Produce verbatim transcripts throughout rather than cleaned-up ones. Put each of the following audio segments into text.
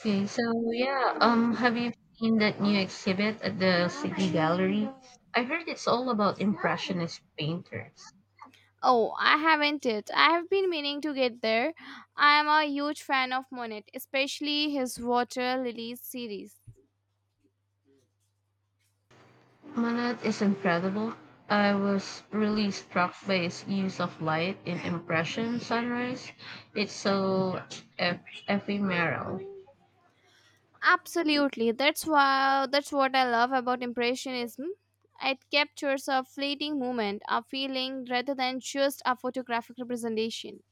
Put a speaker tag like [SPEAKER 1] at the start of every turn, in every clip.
[SPEAKER 1] Okay, so yeah, um, have you seen that new exhibit at the City Gallery? I heard it's all about Impressionist painters.
[SPEAKER 2] Oh, I haven't it. I have been meaning to get there. I am a huge fan of Monet, especially his Water Lilies series.
[SPEAKER 1] Manet is incredible. I was really struck by his use of light in Impression Sunrise. It's so eph- ephemeral.
[SPEAKER 2] Absolutely. That's why that's what I love about impressionism. It captures a fleeting moment, a feeling rather than just a photographic representation.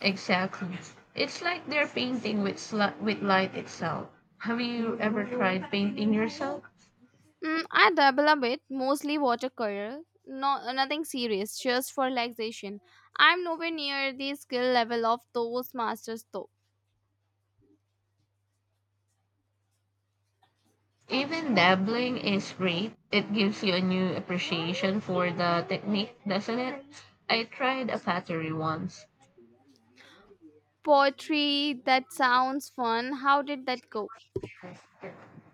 [SPEAKER 1] Exactly. It's like they're painting with, sli- with light itself. Have you ever tried painting yourself?
[SPEAKER 2] Mm, I dabble a bit, mostly watercolor. No, nothing serious, just for relaxation. I'm nowhere near the skill level of those masters though.
[SPEAKER 1] Even dabbling is great. It gives you a new appreciation for the technique, doesn't it? I tried a pottery once.
[SPEAKER 2] Poetry, that sounds fun. How did that go?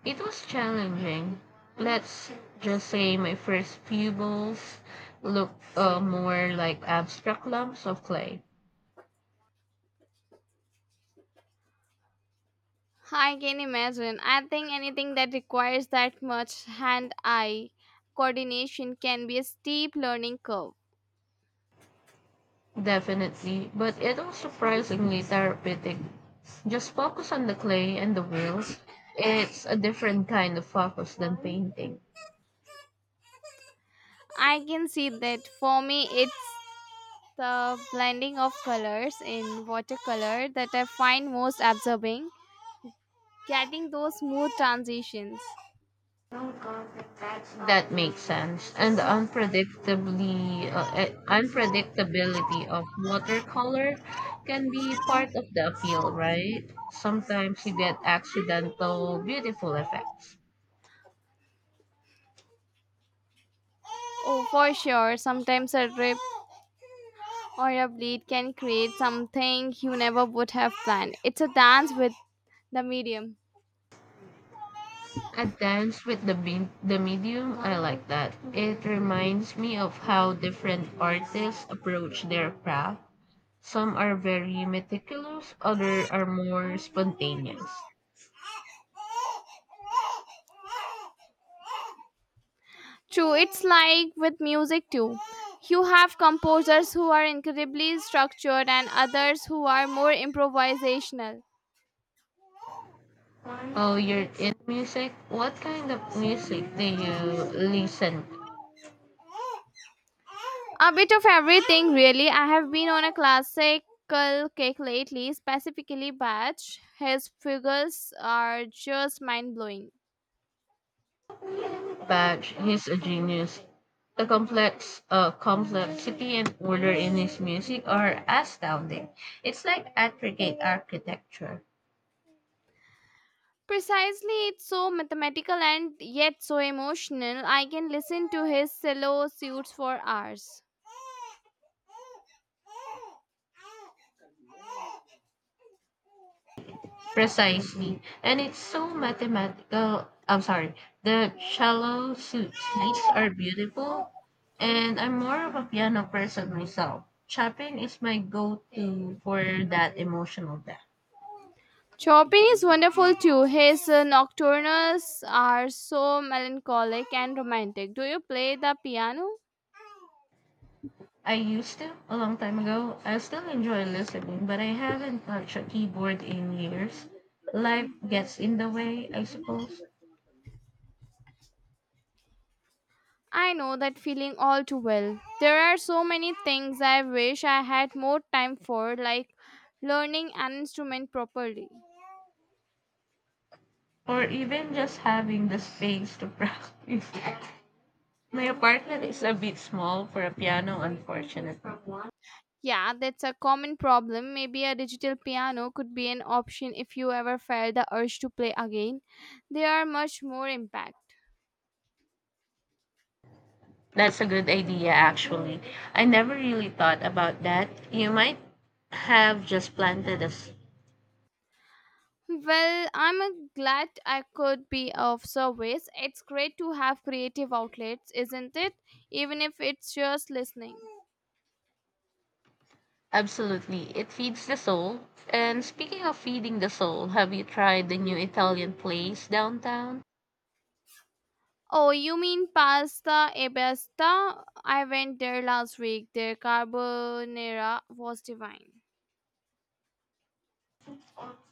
[SPEAKER 1] It was challenging. Let's just say my first few bowls looked uh, more like abstract lumps of clay.
[SPEAKER 2] I can imagine. I think anything that requires that much hand eye coordination can be a steep learning curve.
[SPEAKER 1] Definitely, but it was surprisingly therapeutic. Just focus on the clay and the wheels. It's a different kind of focus than painting.
[SPEAKER 2] I can see that for me, it's the blending of colors in watercolor that I find most absorbing, getting those smooth transitions.
[SPEAKER 1] That makes sense. And the unpredictably uh, eh, unpredictability of watercolor can be part of the appeal, right? Sometimes you get accidental beautiful effects.
[SPEAKER 2] Oh, for sure. Sometimes a rip or a bleed can create something you never would have planned. It's a dance with the medium.
[SPEAKER 1] A dance with the be- the medium, I like that. It reminds me of how different artists approach their craft. Some are very meticulous, other are more spontaneous.
[SPEAKER 2] True, it's like with music too. You have composers who are incredibly structured and others who are more improvisational.
[SPEAKER 1] Oh, you're in music? What kind of music do you listen to?
[SPEAKER 2] A bit of everything, really. I have been on a classical kick lately, specifically Bach. His figures are just mind blowing.
[SPEAKER 1] Badge, he's a genius. The complex uh, complexity and order in his music are astounding. It's like intricate architecture.
[SPEAKER 2] Precisely, it's so mathematical and yet so emotional. I can listen to his solo suites for hours.
[SPEAKER 1] Precisely. And it's so mathematical. I'm sorry. The cello su- suites are beautiful, and I'm more of a piano person myself. Chopin is my go to for that emotional depth.
[SPEAKER 2] Chopin is wonderful too. His uh, nocturnes are so melancholic and romantic. Do you play the piano?
[SPEAKER 1] I used to a long time ago. I still enjoy listening, but I haven't touched a keyboard in years. Life gets in the way, I suppose,
[SPEAKER 2] I know that feeling all too well. There are so many things I wish I had more time for, like learning an instrument properly.
[SPEAKER 1] or even just having the space to practice. My apartment is a bit small for a piano, unfortunately.
[SPEAKER 2] Yeah, that's a common problem. Maybe a digital piano could be an option if you ever felt the urge to play again. They are much more impact.
[SPEAKER 1] That's a good idea, actually. I never really thought about that. You might have just planted a s-
[SPEAKER 2] Well, I'm uh, glad I could be of service. It's great to have creative outlets, isn't it? Even if it's just listening.
[SPEAKER 1] Absolutely. It feeds the soul. And speaking of feeding the soul, have you tried the new Italian place downtown?
[SPEAKER 2] Oh, you mean pasta e basta? I went there last week. Their carbonara was divine.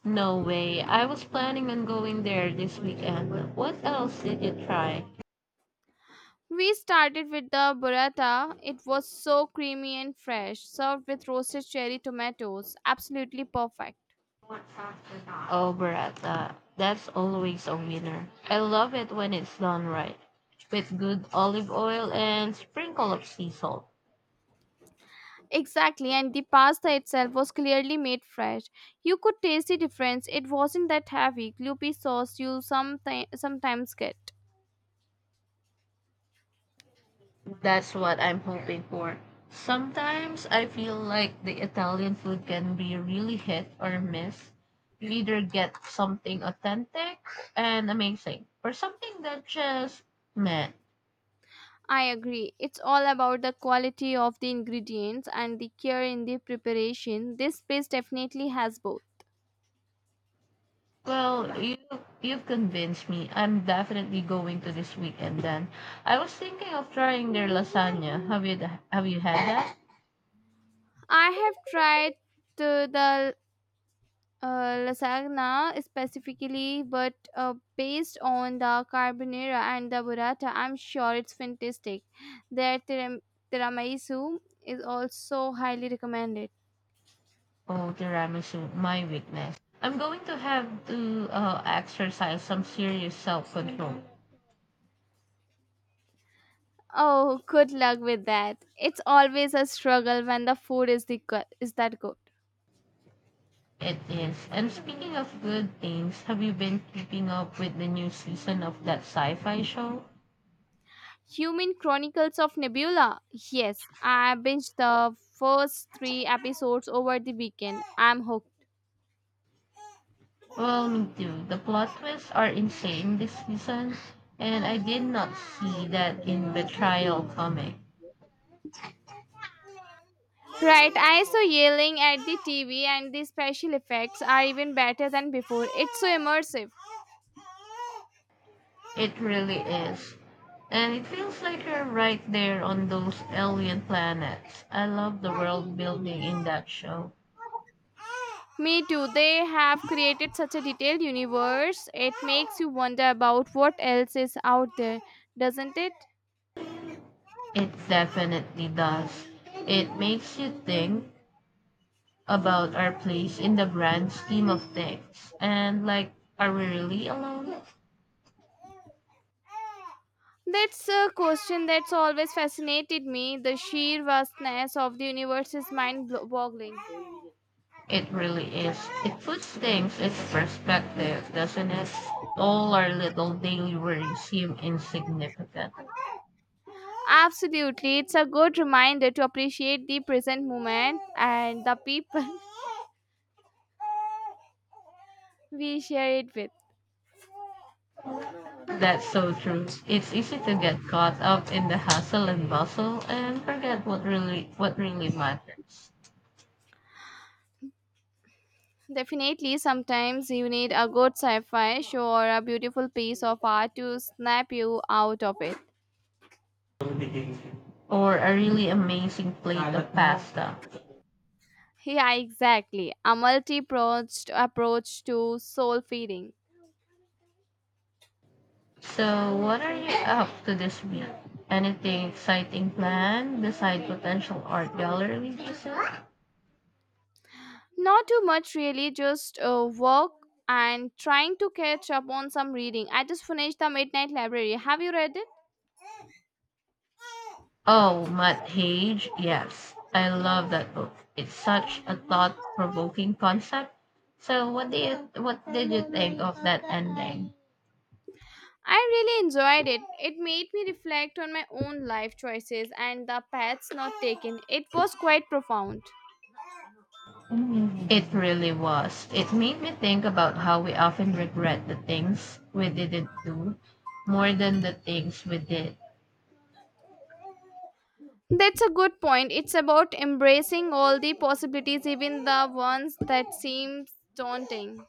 [SPEAKER 1] No way. I was planning on going there this weekend. What else did you try?
[SPEAKER 2] We started with the burrata. It was so creamy and fresh, served with roasted cherry tomatoes. Absolutely perfect.
[SPEAKER 1] Oh, burrata. That's always a winner. I love it when it's done right, with good olive oil and sprinkle of sea salt.
[SPEAKER 2] Exactly, and the pasta itself was clearly made fresh. You could taste the difference. It wasn't that heavy, gloopy sauce you someti- sometimes get.
[SPEAKER 1] That's what I'm hoping for. Sometimes I feel like the Italian food can be really hit or miss. You either get something authentic and amazing, or something that just meh.
[SPEAKER 2] I agree. It's all about the quality of the ingredients and the care in the preparation. This place definitely has both.
[SPEAKER 1] Well, you you've convinced me. I'm definitely going to this weekend then. I was thinking of trying their lasagna. Have you have you had that?
[SPEAKER 2] I have tried the, the uh, lasagna specifically, but uh, based on the carbonara and the burrata, I'm sure it's fantastic. Their tiram- tiramisu is also highly recommended.
[SPEAKER 1] Oh, tiramisu, my weakness. I'm going to have to uh, exercise some serious self-control.
[SPEAKER 2] Oh, good luck with that. It's always a struggle when the food is the good, is that good.
[SPEAKER 1] It is. And speaking of good things, have you been keeping up with the new season of that sci-fi show?
[SPEAKER 2] Human Chronicles of Nebula? Yes, I binged the first three episodes over the weekend. I'm hooked.
[SPEAKER 1] Well, me too. The plot twists are insane this season, and I did not see that in Betrayal coming.
[SPEAKER 2] Right, I saw yelling at the T V, and the special effects are even better than before. It's so immersive.
[SPEAKER 1] It really is. And it feels like you're right there on those alien planets. I love the world building in that show.
[SPEAKER 2] Me too. They have created such a detailed universe. It makes you wonder about what else is out there, doesn't it?
[SPEAKER 1] It definitely does. It makes you think about our place in the grand scheme of things. And like, are we really alone?
[SPEAKER 2] That's a question that's always fascinated me. The sheer vastness of the universe is mind boggling.
[SPEAKER 1] It really is. It puts things into perspective, doesn't it? All our little daily worries seem insignificant.
[SPEAKER 2] Absolutely. It's a good reminder to appreciate the present moment and the people we share it with.
[SPEAKER 1] That's so true. It's easy to get caught up in the hustle and bustle and forget what really what really matters.
[SPEAKER 2] Definitely, sometimes you need a good sci fi show or a beautiful piece of art to snap you out of it.
[SPEAKER 1] Or a really amazing plate of pasta.
[SPEAKER 2] Yeah, exactly. A multi pronged approach to soul feeding.
[SPEAKER 1] So what are you up to this week? Anything exciting planned beside potential art gallery visit?
[SPEAKER 2] Not too much, really, just uh, work and trying to catch up on some reading. I just finished The Midnight Library. Have you read it?
[SPEAKER 1] Oh, Matt Hage, yes. I love that book. It's such a thought provoking concept. So what did you what did you think of that ending?
[SPEAKER 2] I really enjoyed it. It made me reflect on my own life choices and the paths not taken. It was quite profound.
[SPEAKER 1] It really was. It made me think about how we often regret the things we didn't do more than the things we did.
[SPEAKER 2] That's a good point. It's about embracing all the possibilities, even the ones that seem daunting.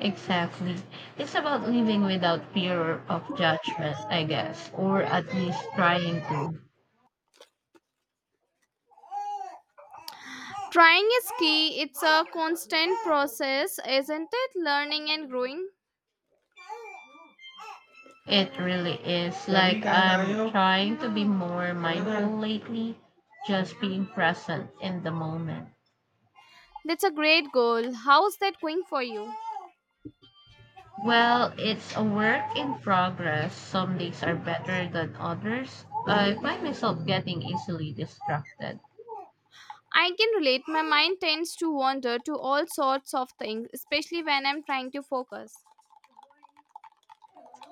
[SPEAKER 1] Exactly. It's about living without fear of judgment, I guess, or at least trying to.
[SPEAKER 2] Trying is key. It's a constant process, isn't it? Learning and growing.
[SPEAKER 1] It really is. Like, I'm trying to be more mindful lately, just being present in the moment.
[SPEAKER 2] That's a great goal. How's that going for you?
[SPEAKER 1] Well, it's a work in progress. Some days are better than others. I find myself getting easily distracted.
[SPEAKER 2] I can relate. My mind tends to wander to all sorts of things, especially when I'm trying to focus.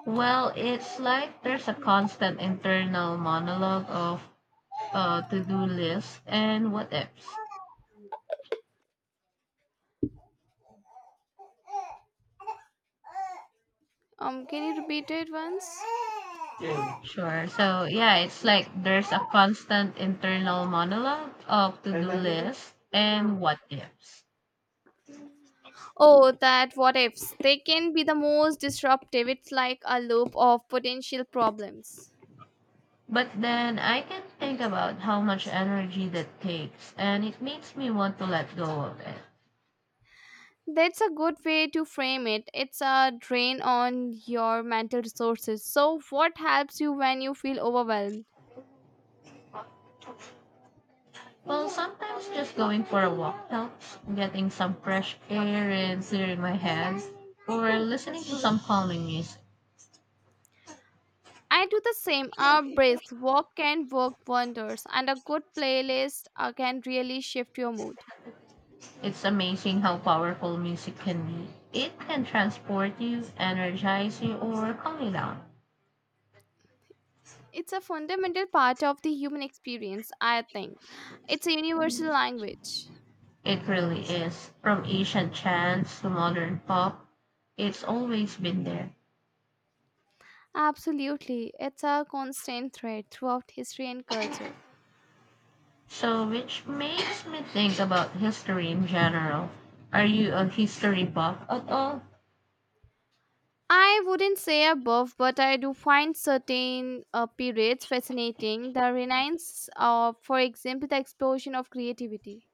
[SPEAKER 1] Well, it's like there's a constant internal monologue of uh, to-do list and what ifs.
[SPEAKER 2] Um, can you repeat it once?
[SPEAKER 1] Mm. Sure. So yeah, it's like there's a constant internal monologue of to-do list and what ifs.
[SPEAKER 2] Oh, that what ifs. They can be the most disruptive. It's like a loop of potential problems.
[SPEAKER 1] But then I can think about how much energy that takes, and it makes me want to let go of it.
[SPEAKER 2] That's a good way to frame it. It's a drain on your mental resources. So, what helps you when you feel overwhelmed?
[SPEAKER 1] Well, sometimes just going for a walk helps, getting some fresh air and clearing my head, or listening to some calming music.
[SPEAKER 2] I do the same. A brisk walk can work wonders, and a good playlist uh, can really shift your mood.
[SPEAKER 1] It's amazing how powerful music can be. It can transport you, energize you, or calm you down.
[SPEAKER 2] It's a fundamental part of the human experience, I think. It's a universal language.
[SPEAKER 1] It really is. From ancient chants to modern pop, it's always been there.
[SPEAKER 2] Absolutely. It's a constant thread throughout history and culture.
[SPEAKER 1] So, which makes me think about history in general. Are you a history buff at all?
[SPEAKER 2] I wouldn't say above, but I do find certain uh, periods fascinating. The Renaissance, uh, for example, the explosion of creativity.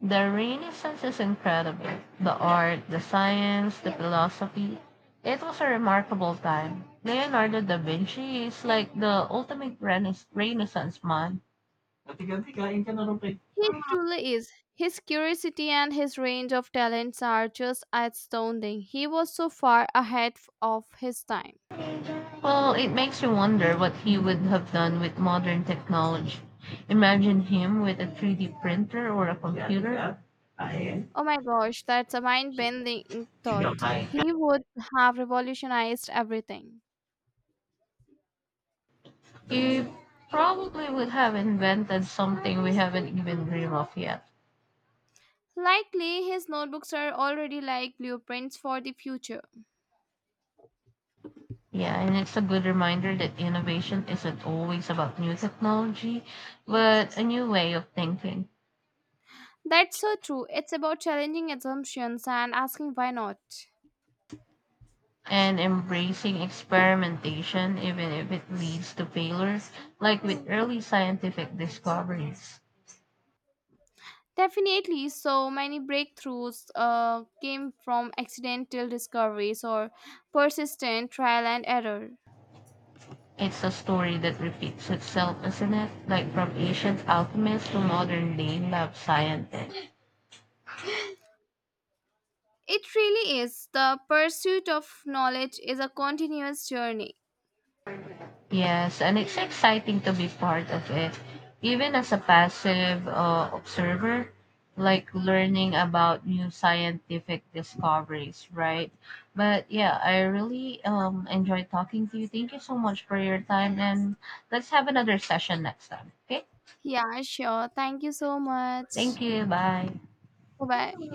[SPEAKER 1] The Renaissance is incredible. The art, the science, the philosophy. It was a remarkable time. Leonardo da Vinci is like the ultimate renis- Renaissance man. Ganti-ganti, kain ka na rupe.
[SPEAKER 2] He truly is. His curiosity and his range of talents are just astounding. He was so far ahead f- of his time.
[SPEAKER 1] Well, it makes you wonder what he would have done with modern technology. Imagine him with a three D printer or a computer. Kain.
[SPEAKER 2] Oh my gosh, that's a mind bending
[SPEAKER 1] Ikaw
[SPEAKER 2] thought.
[SPEAKER 1] kain ka.
[SPEAKER 2] He would have revolutionized everything.
[SPEAKER 1] He probably would have invented something we haven't even dreamed of yet.
[SPEAKER 2] Likely, his notebooks are already like blueprints for the future.
[SPEAKER 1] Yeah, and it's a good reminder that innovation isn't always about new technology, but a new way of thinking
[SPEAKER 2] That's so true. It's about challenging assumptions and asking why not.
[SPEAKER 1] and embracing experimentation, even if it leads to failures, like with early scientific discoveries.
[SPEAKER 2] Definitely, so many breakthroughs uh, came from accidental discoveries or persistent trial and error.
[SPEAKER 1] It's a story that repeats itself, isn't it? Like from ancient alchemists to modern day lab scientists.
[SPEAKER 2] It really is. The pursuit of knowledge is a continuous journey.
[SPEAKER 1] Yes, and it's exciting to be part of it, even as a passive uh, observer, like learning about new scientific discoveries, right? But yeah, I really um, enjoy talking to you. Thank you so much for your time, and let's have another session next time, okay?
[SPEAKER 2] Yeah, sure. Thank you so
[SPEAKER 1] Thank
[SPEAKER 2] much.
[SPEAKER 1] you. Bye.
[SPEAKER 2] Bye bye.